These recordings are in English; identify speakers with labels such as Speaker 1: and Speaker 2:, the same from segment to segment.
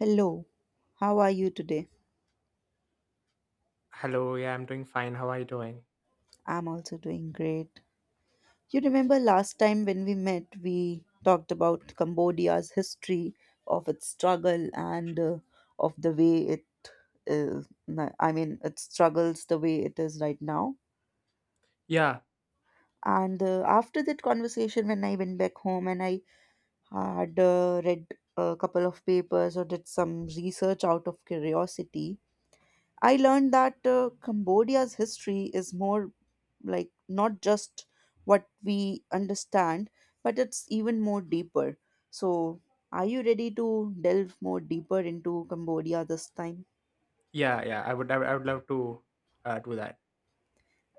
Speaker 1: Hello, how are you today?
Speaker 2: Hello, yeah, I'm doing fine. How are you doing?
Speaker 1: I'm also doing great. You remember last time when we met, we talked about Cambodia's history, of its struggle, and of the way it is, it struggles the way it is right now.
Speaker 2: Yeah,
Speaker 1: And After that conversation, when I went back home and I had read a couple of papers or did some research out of curiosity, I learned that Cambodia's history is more like not just what we understand, but it's even more deeper. So, are you ready to delve more deeper into Cambodia this time?
Speaker 2: yeah, yeah. I would love to do that.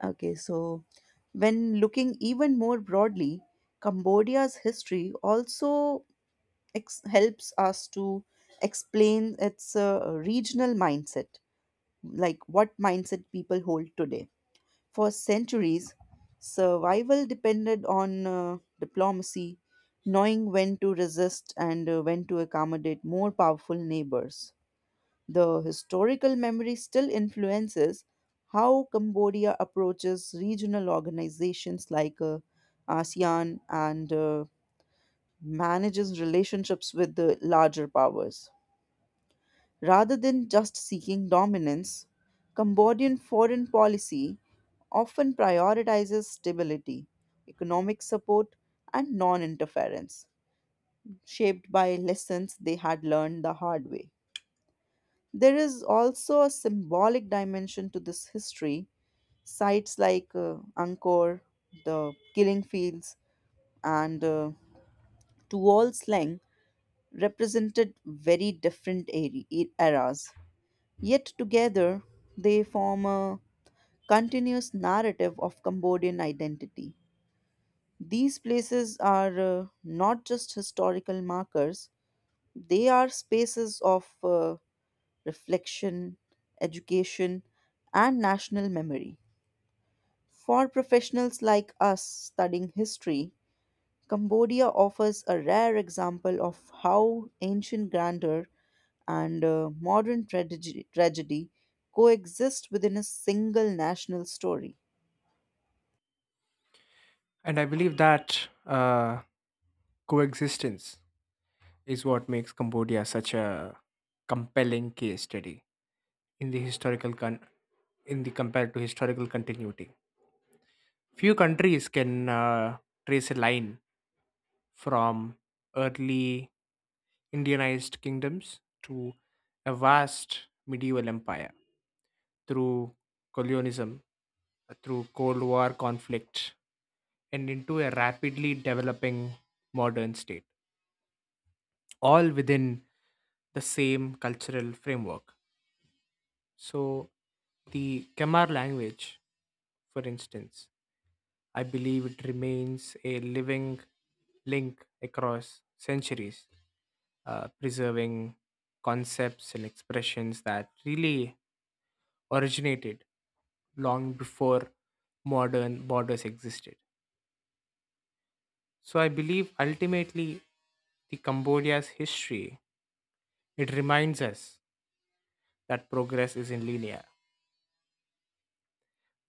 Speaker 1: Okay, so when looking even more broadly, Cambodia's history also helps us to explain its regional mindset, like what mindset people hold today. For centuries, survival depended on diplomacy, knowing when to resist and when to accommodate more powerful neighbors. The historical memory still influences how Cambodia approaches regional organizations like ASEAN and manages relationships with the larger powers. Rather than just seeking dominance, Cambodian foreign policy often prioritizes stability, economic support, and non interference, shaped by lessons they had learned the hard way. There is also a symbolic dimension to this history. Sites like Angkor, the killing fields, and Tuol Sleng represented very different eras. Yet together, they form a continuous narrative of Cambodian identity. These places are not just historical markers, they are spaces of reflection, education, and national memory. For professionals like us studying history, Cambodia offers a rare example of how ancient grandeur and modern tragedy, coexist within a single national story.
Speaker 2: And I believe that coexistence is what makes Cambodia such a compelling case study in the in the compared to historical continuity. Few countries can trace a line from early Indianized kingdoms to a vast medieval empire through colonialism, through Cold War conflict, and into a rapidly developing modern state, all within the same cultural framework. So, the Kamar language, for instance, I believe it remains a living link across centuries, preserving concepts and expressions that really originated long before modern borders existed. So, I believe ultimately the Cambodia's history, it reminds us that progress isn't linear.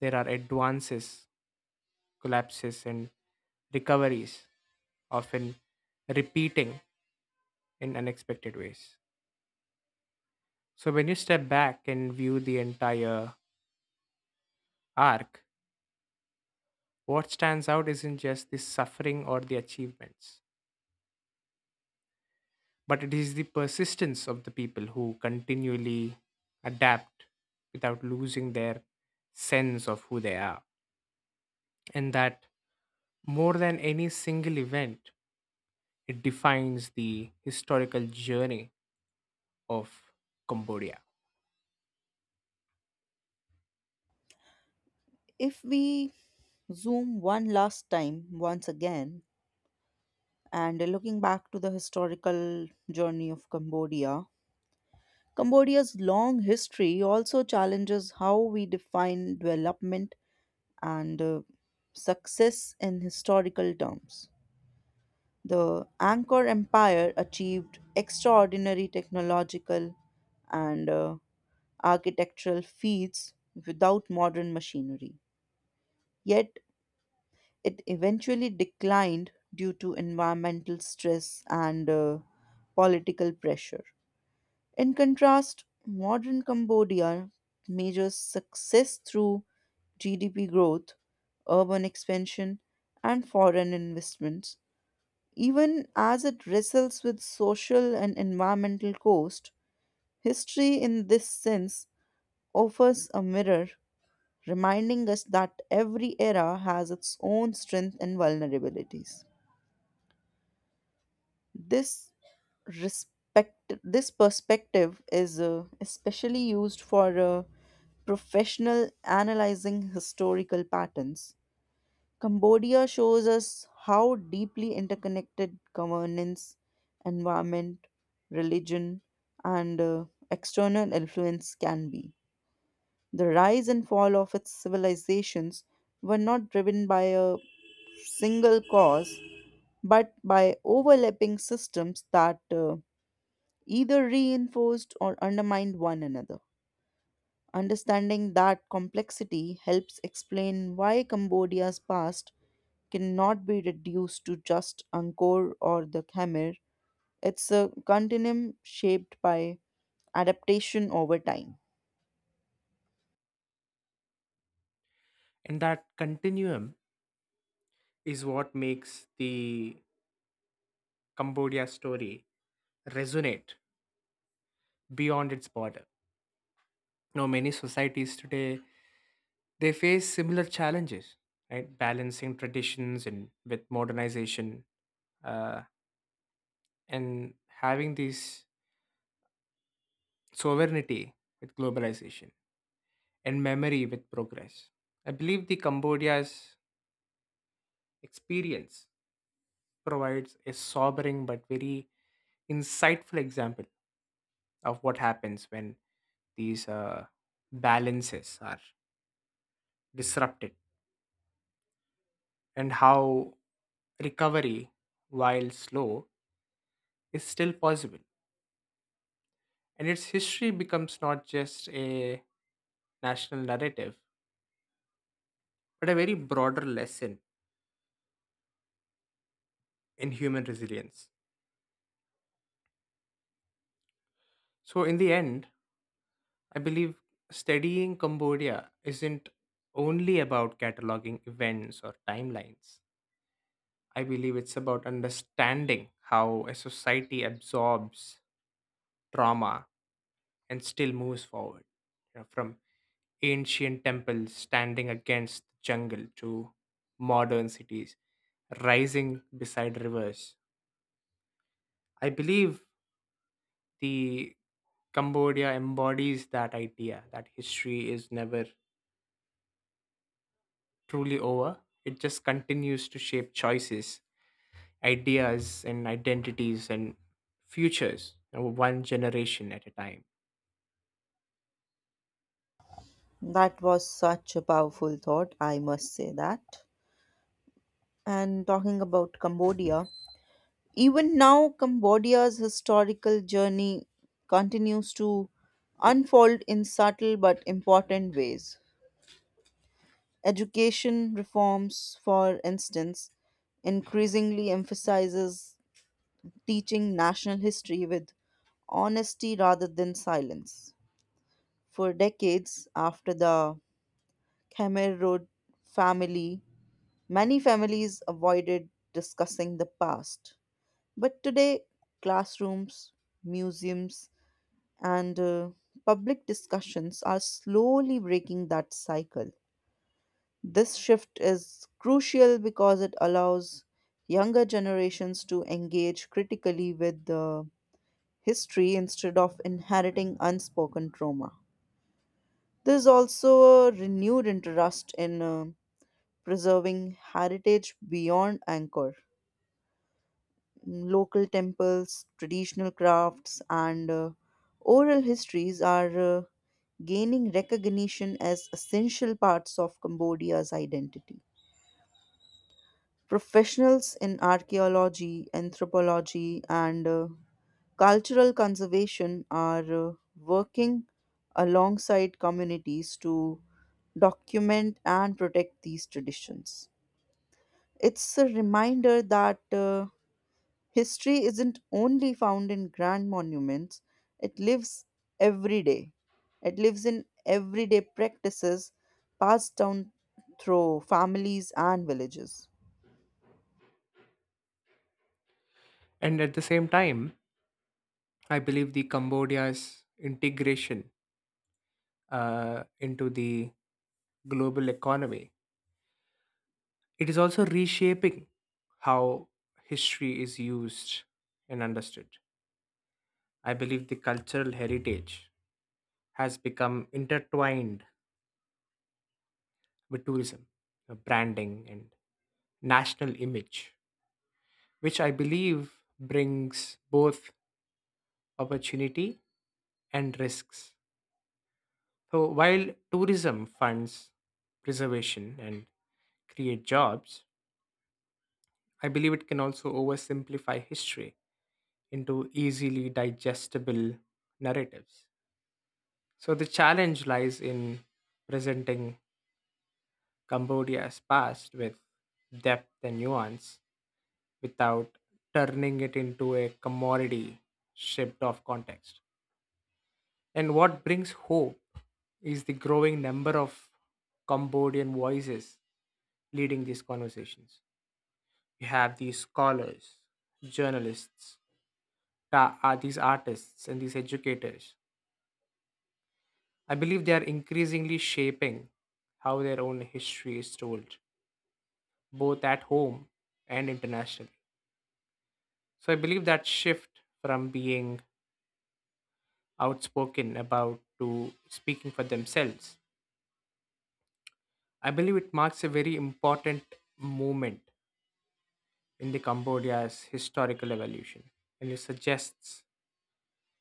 Speaker 2: There are advances collapses, and recoveries, often repeating in unexpected ways. So, when you step back and view the entire arc, what stands out isn't just the suffering or the achievements, but it is the persistence of the people who continually adapt without losing their sense of who they are. And that, more than any single event, it defines the historical journey of Cambodia.
Speaker 1: If we zoom one last time, once again, and looking back to the historical journey of Cambodia, Cambodia's long history also challenges how we define development and success in historical terms. The Angkor Empire achieved extraordinary technological and architectural feats without modern machinery. Yet it eventually declined due to environmental stress and political pressure. In contrast, modern Cambodia measures success through GDP growth, urban expansion, and foreign investments. Even as it wrestles with social and environmental cost, history in this sense offers a mirror, reminding us that every era has its own strengths and vulnerabilities. This this perspective is especially used for professional analyzing historical patterns. Cambodia shows us how deeply interconnected governance, environment, religion, and external influence can be. The rise and fall of its civilizations were not driven by a single cause, but by overlapping systems that either reinforced or undermined one another. Understanding that complexity helps explain why Cambodia's past cannot be reduced to just Angkor or the Khmer. It's a continuum shaped by adaptation over time.
Speaker 2: And that continuum is what makes the Cambodia story resonate beyond its border. Now, many societies today they face similar challenges, right? Balancing traditions and with modernization, uh, and having this sovereignty with globalization and memory with progress. I believe the Cambodia's experience provides a sobering but very insightful example of what happens when these balances are disrupted and how recovery, while slow, is still possible. And its history becomes not just a national narrative, but a very broader lesson in human resilience. So, in the end, I believe studying Cambodia isn't only about cataloging events or timelines. I believe it's about understanding how a society absorbs trauma and still moves forward. You know, from ancient temples standing against the jungle to modern cities rising beside rivers. I believe the Cambodia embodies that idea that history is never truly over. It just continues to shape choices, ideas, and identities and futures, you know, one generation at a time.
Speaker 1: That was such a powerful thought, I must say that. And talking about Cambodia, even now, Cambodia's historical journey continues to unfold in subtle but important ways. Education reforms, for instance, increasingly emphasizes teaching national history with honesty rather than silence. For decades after the Khmer Rouge family, many families avoided discussing the past. But today, classrooms, museums, and public discussions are slowly breaking that cycle. This shift is crucial because it allows younger generations to engage critically with the history instead of inheriting unspoken trauma. There's also a renewed interest in preserving heritage beyond anchor. Local temples, traditional crafts, and oral histories are gaining recognition as essential parts of Cambodia's identity. Professionals in archaeology, anthropology, and cultural conservation are working alongside communities to document and protect these traditions. It's a reminder that history isn't only found in grand monuments, it lives every day. It lives in everyday practices passed down through families and villages.
Speaker 2: And at the same time, I believe the Cambodia's integration into the global economy. It is also reshaping how history is used and understood. I believe the cultural heritage has become intertwined with tourism, branding, and national image, which I believe brings both opportunity and risks. So, while tourism funds preservation and create jobs, I believe it can also oversimplify history into easily digestible narratives. So the challenge lies in presenting Cambodia's past with depth and nuance without turning it into a commodity stripped of context. And what brings hope is the growing number of Cambodian voices leading these conversations. You have these scholars, journalists, these artists, and these educators I believe they are increasingly shaping how their own history is told, both at home and internationally. So I believe that shift from being outspoken about to speaking for themselves, I believe it marks a very important moment in the Cambodia's historical evolution. And it suggests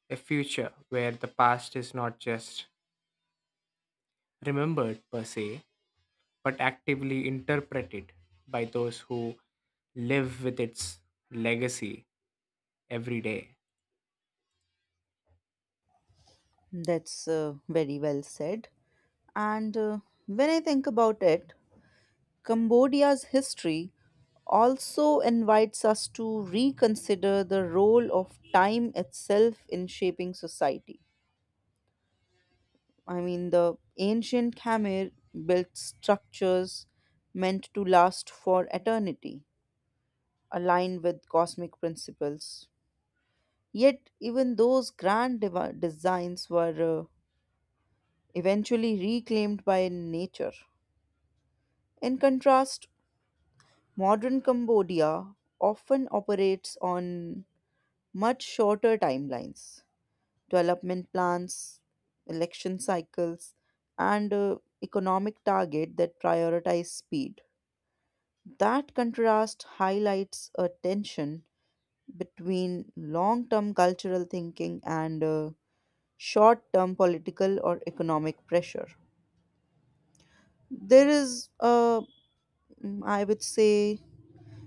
Speaker 2: a future where the past is not just remembered per se, but actively interpreted by those who live with its legacy every day.
Speaker 1: That's very well said. And when I think about it, Cambodia's history also invites us to reconsider the role of time itself in shaping society. I mean, the ancient Khmer built structures meant to last for eternity, aligned with cosmic principles. Yet, even those grand devi designs were eventually reclaimed by nature. In contrast, modern Cambodia often operates on much shorter timelines. Development plans, election cycles, and economic target that prioritize speed. That contrast highlights a tension between long term cultural thinking and short term political or economic pressure. There is a, mm, I would say,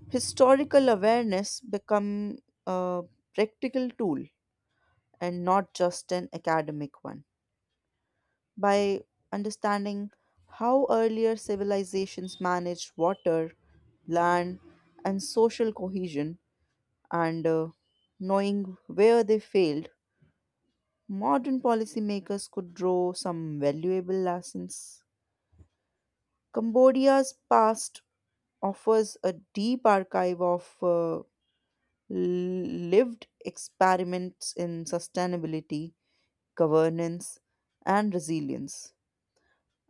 Speaker 1: historical awareness become a practical tool and not just an academic one. By understanding how earlier civilizations managed water, land, and social cohesion, and knowing where they failed, modern policymakers could draw some valuable lessons. Cambodia's past offers a deep archive of lived experiments in sustainability, governance, and resilience.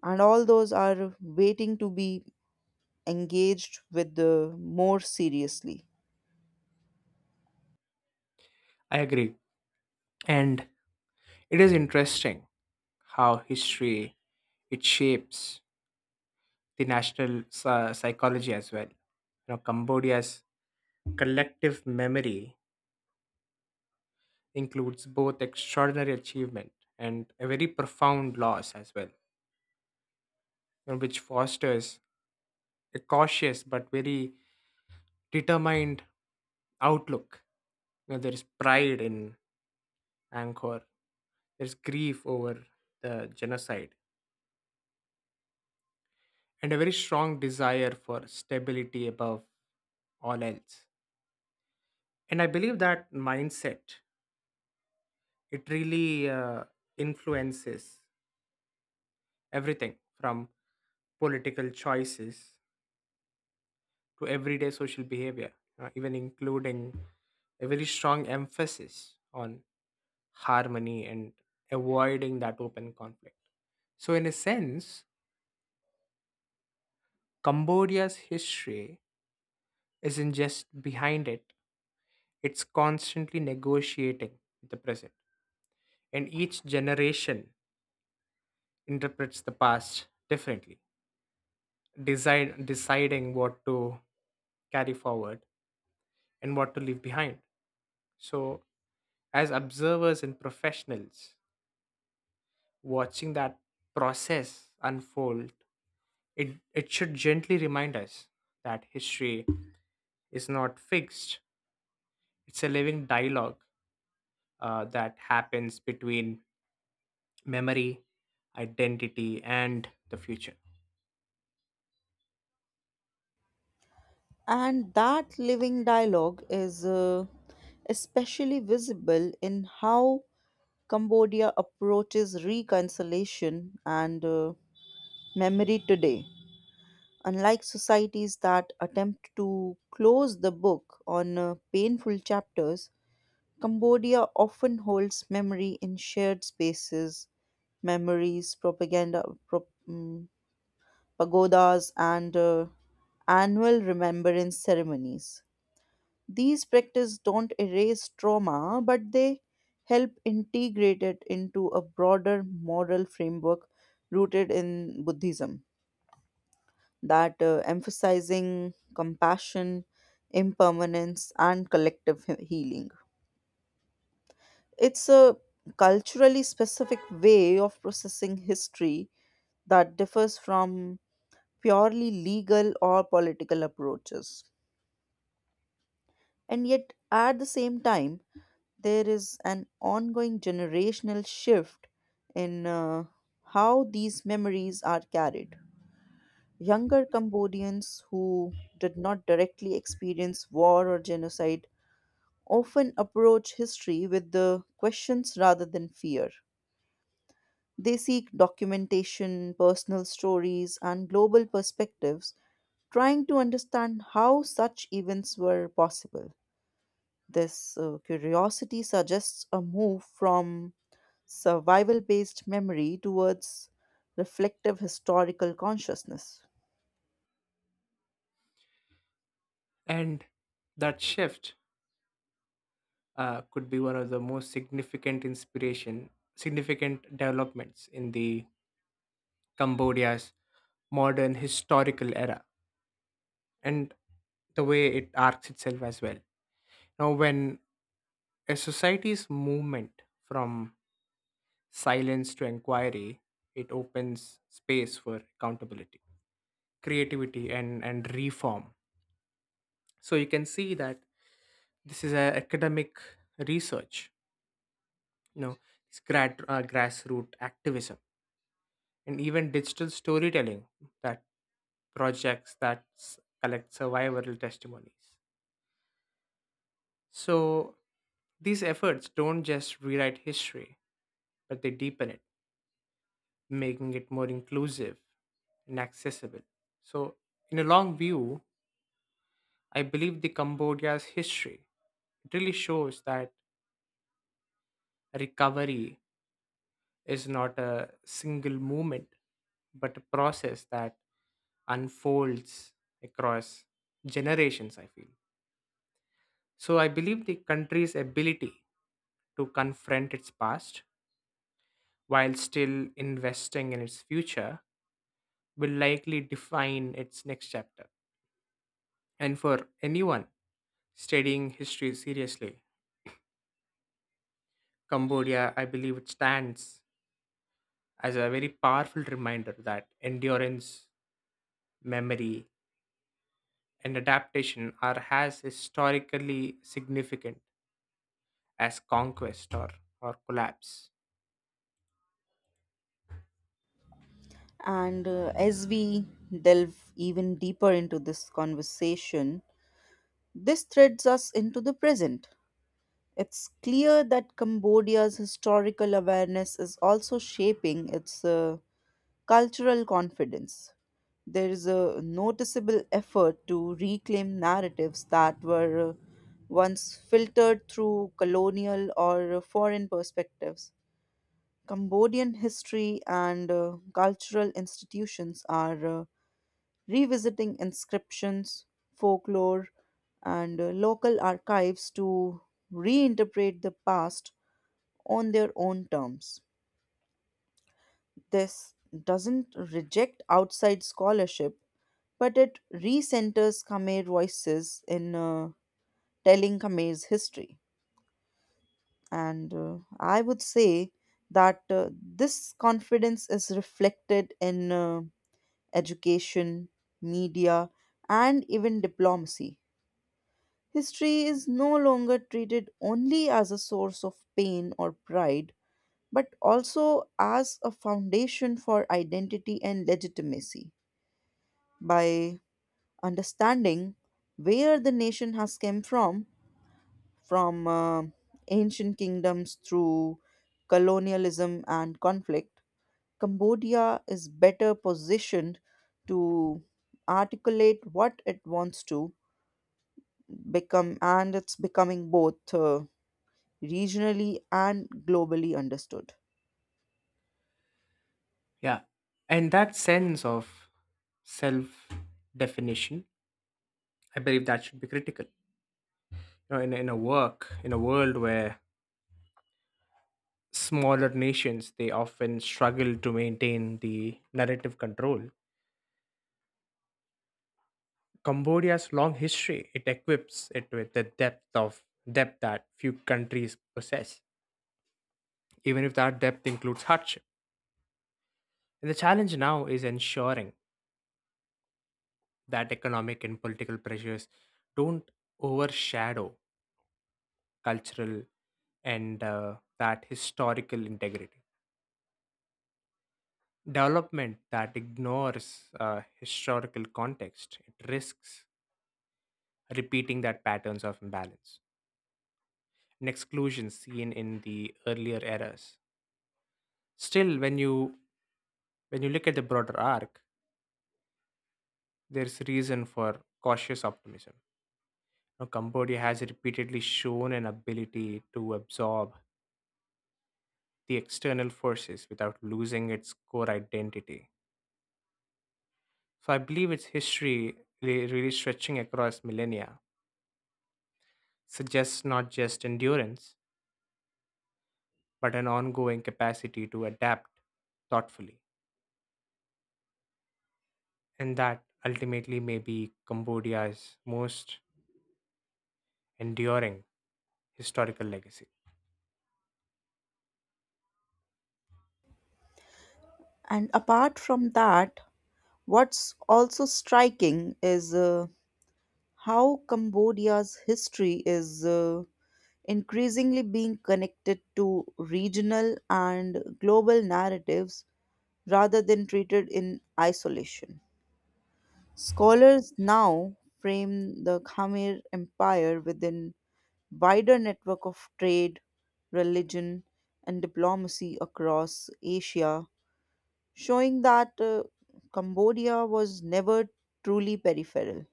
Speaker 1: And all those are waiting to be engaged with more seriously.
Speaker 2: I agree. And it is interesting how history it shapes the national psychology as well. You know, Cambodia's collective memory includes both extraordinary achievement and a very profound loss as well, you know, which fosters a cautious but very determined outlook. You know, there is pride in Angkor. There's grief over the genocide and a very strong desire for stability above all else. And I believe that mindset it really influences everything from political choices to everyday social behavior, even including a very strong emphasis on harmony and avoiding that open conflict. So, in a sense, Cambodia's history isn't just behind it, it's constantly negotiating with the present. And each generation interprets the past differently, deciding what to carry forward and what to leave behind. So, as observers and professionals, watching that process unfold, it should gently remind us that history is not fixed, it's a living dialogue that happens between memory, identity, and the future.
Speaker 1: And that living dialogue is especially visible in how Cambodia approaches reconciliation and memory today. Unlike societies that attempt to close the book on painful chapters, Cambodia often holds memory in shared spaces, memories, propaganda, pagodas, and annual remembrance ceremonies. These practices don't erase trauma, but they help integrate it into a broader moral framework rooted in Buddhism that emphasizing compassion, impermanence, and collective healing. It's a culturally specific way of processing history that differs from purely legal or political approaches. And yet, at the same time, there is an ongoing generational shift in how these memories are carried. Younger Cambodians who did not directly experience war or genocide often approach history with the questions rather than fear. They seek documentation, personal stories, and global perspectives, trying to understand how such events were possible. This curiosity suggests a move from survival based memory towards reflective historical consciousness.
Speaker 2: And that shift could be one of the most significant developments in the Cambodia's modern historical era and the way it arcs itself as well. Now, when a society's movement from silence to inquiry, it opens space for accountability, creativity, and reform. So you can see that this is a academic research, you know, this grassroots activism and even digital storytelling, that projects that collect survival testimonies. So these efforts don't just rewrite history, but they deepen it, making it more inclusive and accessible. So, in a long view, I believe the Cambodia's history, it really shows that recovery is not a single movement, but a process that unfolds across generations, I feel. So I believe the country's ability to confront its past while still investing in its future will likely define its next chapter. And for anyone studying history seriously, Cambodia, I believe it stands as a very powerful reminder that endurance, memory, and adaptation are as historically significant as conquest, or collapse.
Speaker 1: And as we delve even deeper into this conversation, this threads us into the present. It's clear that Cambodia's historical awareness is also shaping its cultural confidence. There is a noticeable effort to reclaim narratives that were once filtered through colonial or foreign perspectives. Cambodian history and cultural institutions are revisiting inscriptions, folklore, and local archives to reinterpret the past on their own terms. This doesn't reject outside scholarship, but it recenters Khmer voices in telling Khmer's history. And I would say that this confidence is reflected in education, media, and even diplomacy. History is no longer treated only as a source of pain or pride, but also as a foundation for identity and legitimacy. By understanding where the nation has come from ancient kingdoms through colonialism and conflict, Cambodia is better positioned to articulate what it wants to become, and it's becoming both regionally and globally understood.
Speaker 2: Yeah. And that sense of self definition, I believe that should be critical. You know, in a world where smaller nations they often struggle to maintain the narrative control. Cambodia's long history, it equips it with the depth that few countries possess, even if that depth includes hardship. And the challenge now is ensuring that economic and political pressures don't overshadow cultural and that historical integrity. Development that ignores historical context it risks repeating that patterns of imbalance and exclusion seen in the earlier eras. Still, when you look at the broader arc, there's reason for cautious optimism. Now, Cambodia has repeatedly shown an ability to absorb the external forces without losing its core identity. So I believe its history really stretching across millennia suggests not just endurance, but an ongoing capacity to adapt thoughtfully. And that ultimately may be Cambodia's most enduring historical legacy.
Speaker 1: And apart from that, what's also striking is how Cambodia's history is. Increasingly being connected to regional and global narratives rather than treated in isolation. Scholars now frame the Khmer Empire within wider network of trade, religion, and diplomacy across Asia, showing that Cambodia was never truly peripheral.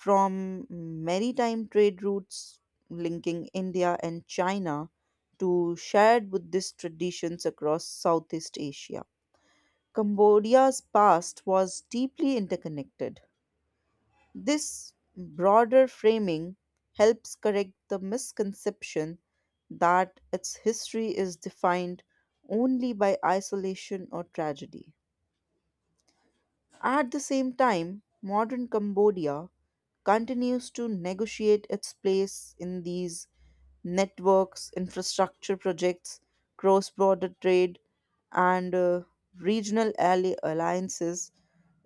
Speaker 1: From maritime trade routes linking India and China to shared Buddhist traditions across Southeast Asia. Cambodia's past was deeply interconnected. This broader framing helps correct the misconception that its history is defined only by isolation or tragedy. At the same time, modern Cambodia continues to negotiate its place in these networks, infrastructure projects, cross border trade, and regional alliances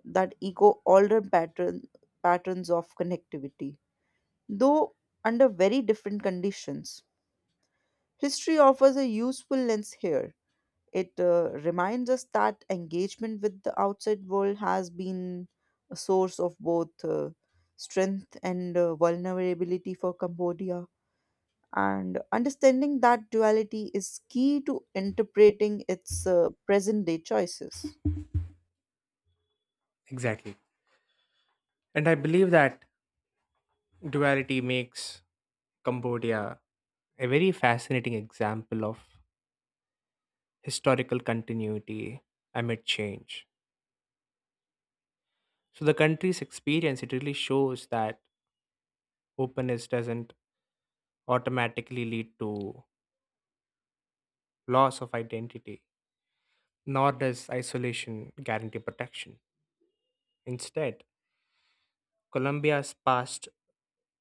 Speaker 1: that echo patterns of connectivity, though under very different conditions. History offers a useful lens here it reminds us that engagement with the outside world has been a source of both strength and vulnerability for Cambodia. And understanding that duality is key to interpreting its present day choices.
Speaker 2: Exactly. And I believe that duality makes Cambodia a very fascinating example of historical continuity amid change. So, the country's experience, it really shows that openness doesn't automatically lead to loss of identity. Nor does isolation guarantee protection. Instead, Colombia's past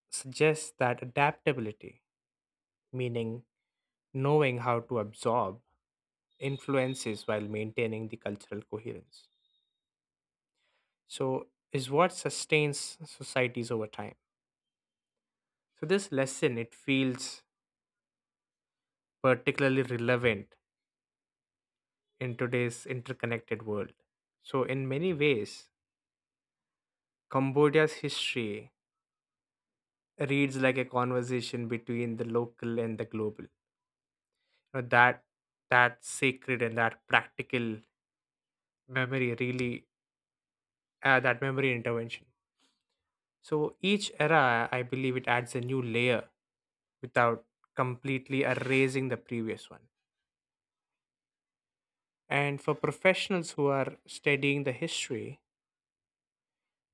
Speaker 2: suggests that adaptability, meaning knowing how to absorb influences while maintaining the cultural coherence. So, is what sustains societies over time. So, this lesson it feels particularly relevant in today's interconnected world. So, in many ways, Cambodia's history reads like a conversation between the local and the global. Now that that sacred and that practical memory really that memory intervention. So each era, I believe, it adds a new layer without completely erasing the previous one. And for professionals who are studying the history,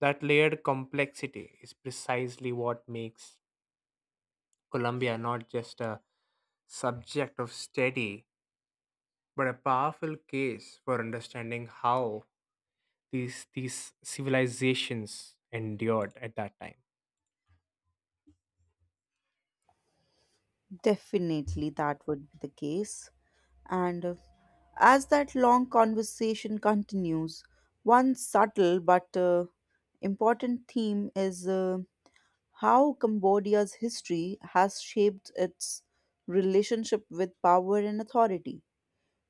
Speaker 2: that layered complexity is precisely what makes Colombia not just a subject of study but a powerful case for understanding how these civilizations endured at that time.
Speaker 1: Definitely, that would be the case. And as that long conversation continues, one subtle but important theme is. How Cambodia's history has shaped its relationship with power and authority,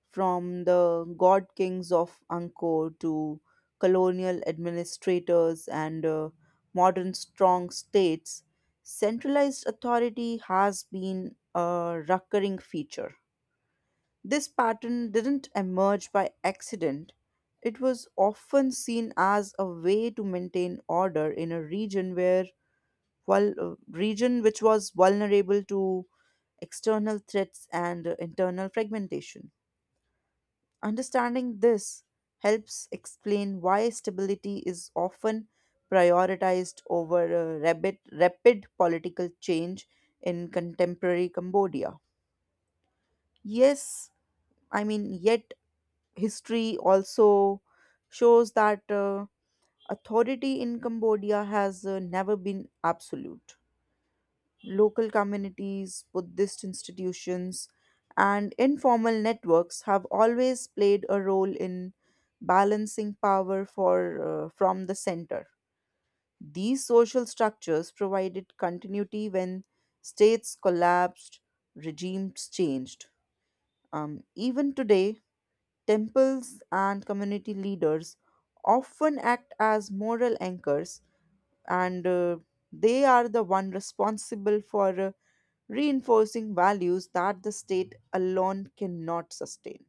Speaker 1: from the god kings of Angkor to colonial administrators and modern strong states. Centralized authority has been a recurring feature. This pattern didn't emerge by accident. It was often seen as a way to maintain order in a region where region which was vulnerable to external threats and internal fragmentation. Understanding this helps explain why stability is often prioritized over rapid political change in contemporary Cambodia. Yes, I mean, yet history also shows that authority in Cambodia has never been absolute. Local communities, Buddhist institutions, and informal networks have always played a role in balancing power from the center. These social structures provided continuity when states collapsed, regimes changed. Even today, temples and community leaders often act as moral anchors and they are the one responsible for reinforcing values that the state alone cannot sustain.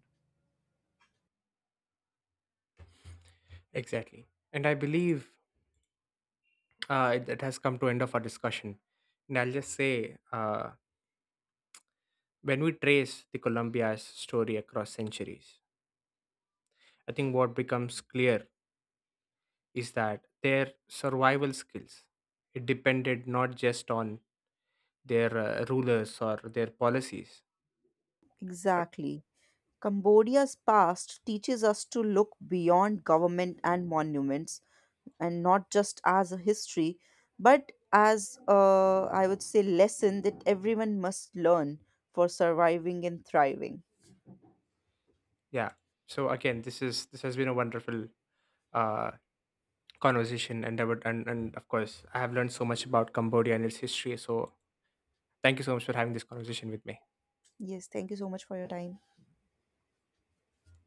Speaker 2: Exactly, and I believe it has come to end of our discussion. And I'll just say, when we trace the Columbia's story across centuries, I think what becomes clear is that their survival skills it depended not just on their rulers or their policies, but
Speaker 1: Exactly. Cambodia's past teaches us to look beyond government and monuments, and not just as a history, but as a, I would say, lesson that everyone must learn for surviving and thriving.
Speaker 2: yeah. So again, this has been a wonderful uh, conversation and about and of course I have learned so much about Cambodia and its history, so thank you so much for having this conversation with me.
Speaker 1: Yes, thank you so much for your time.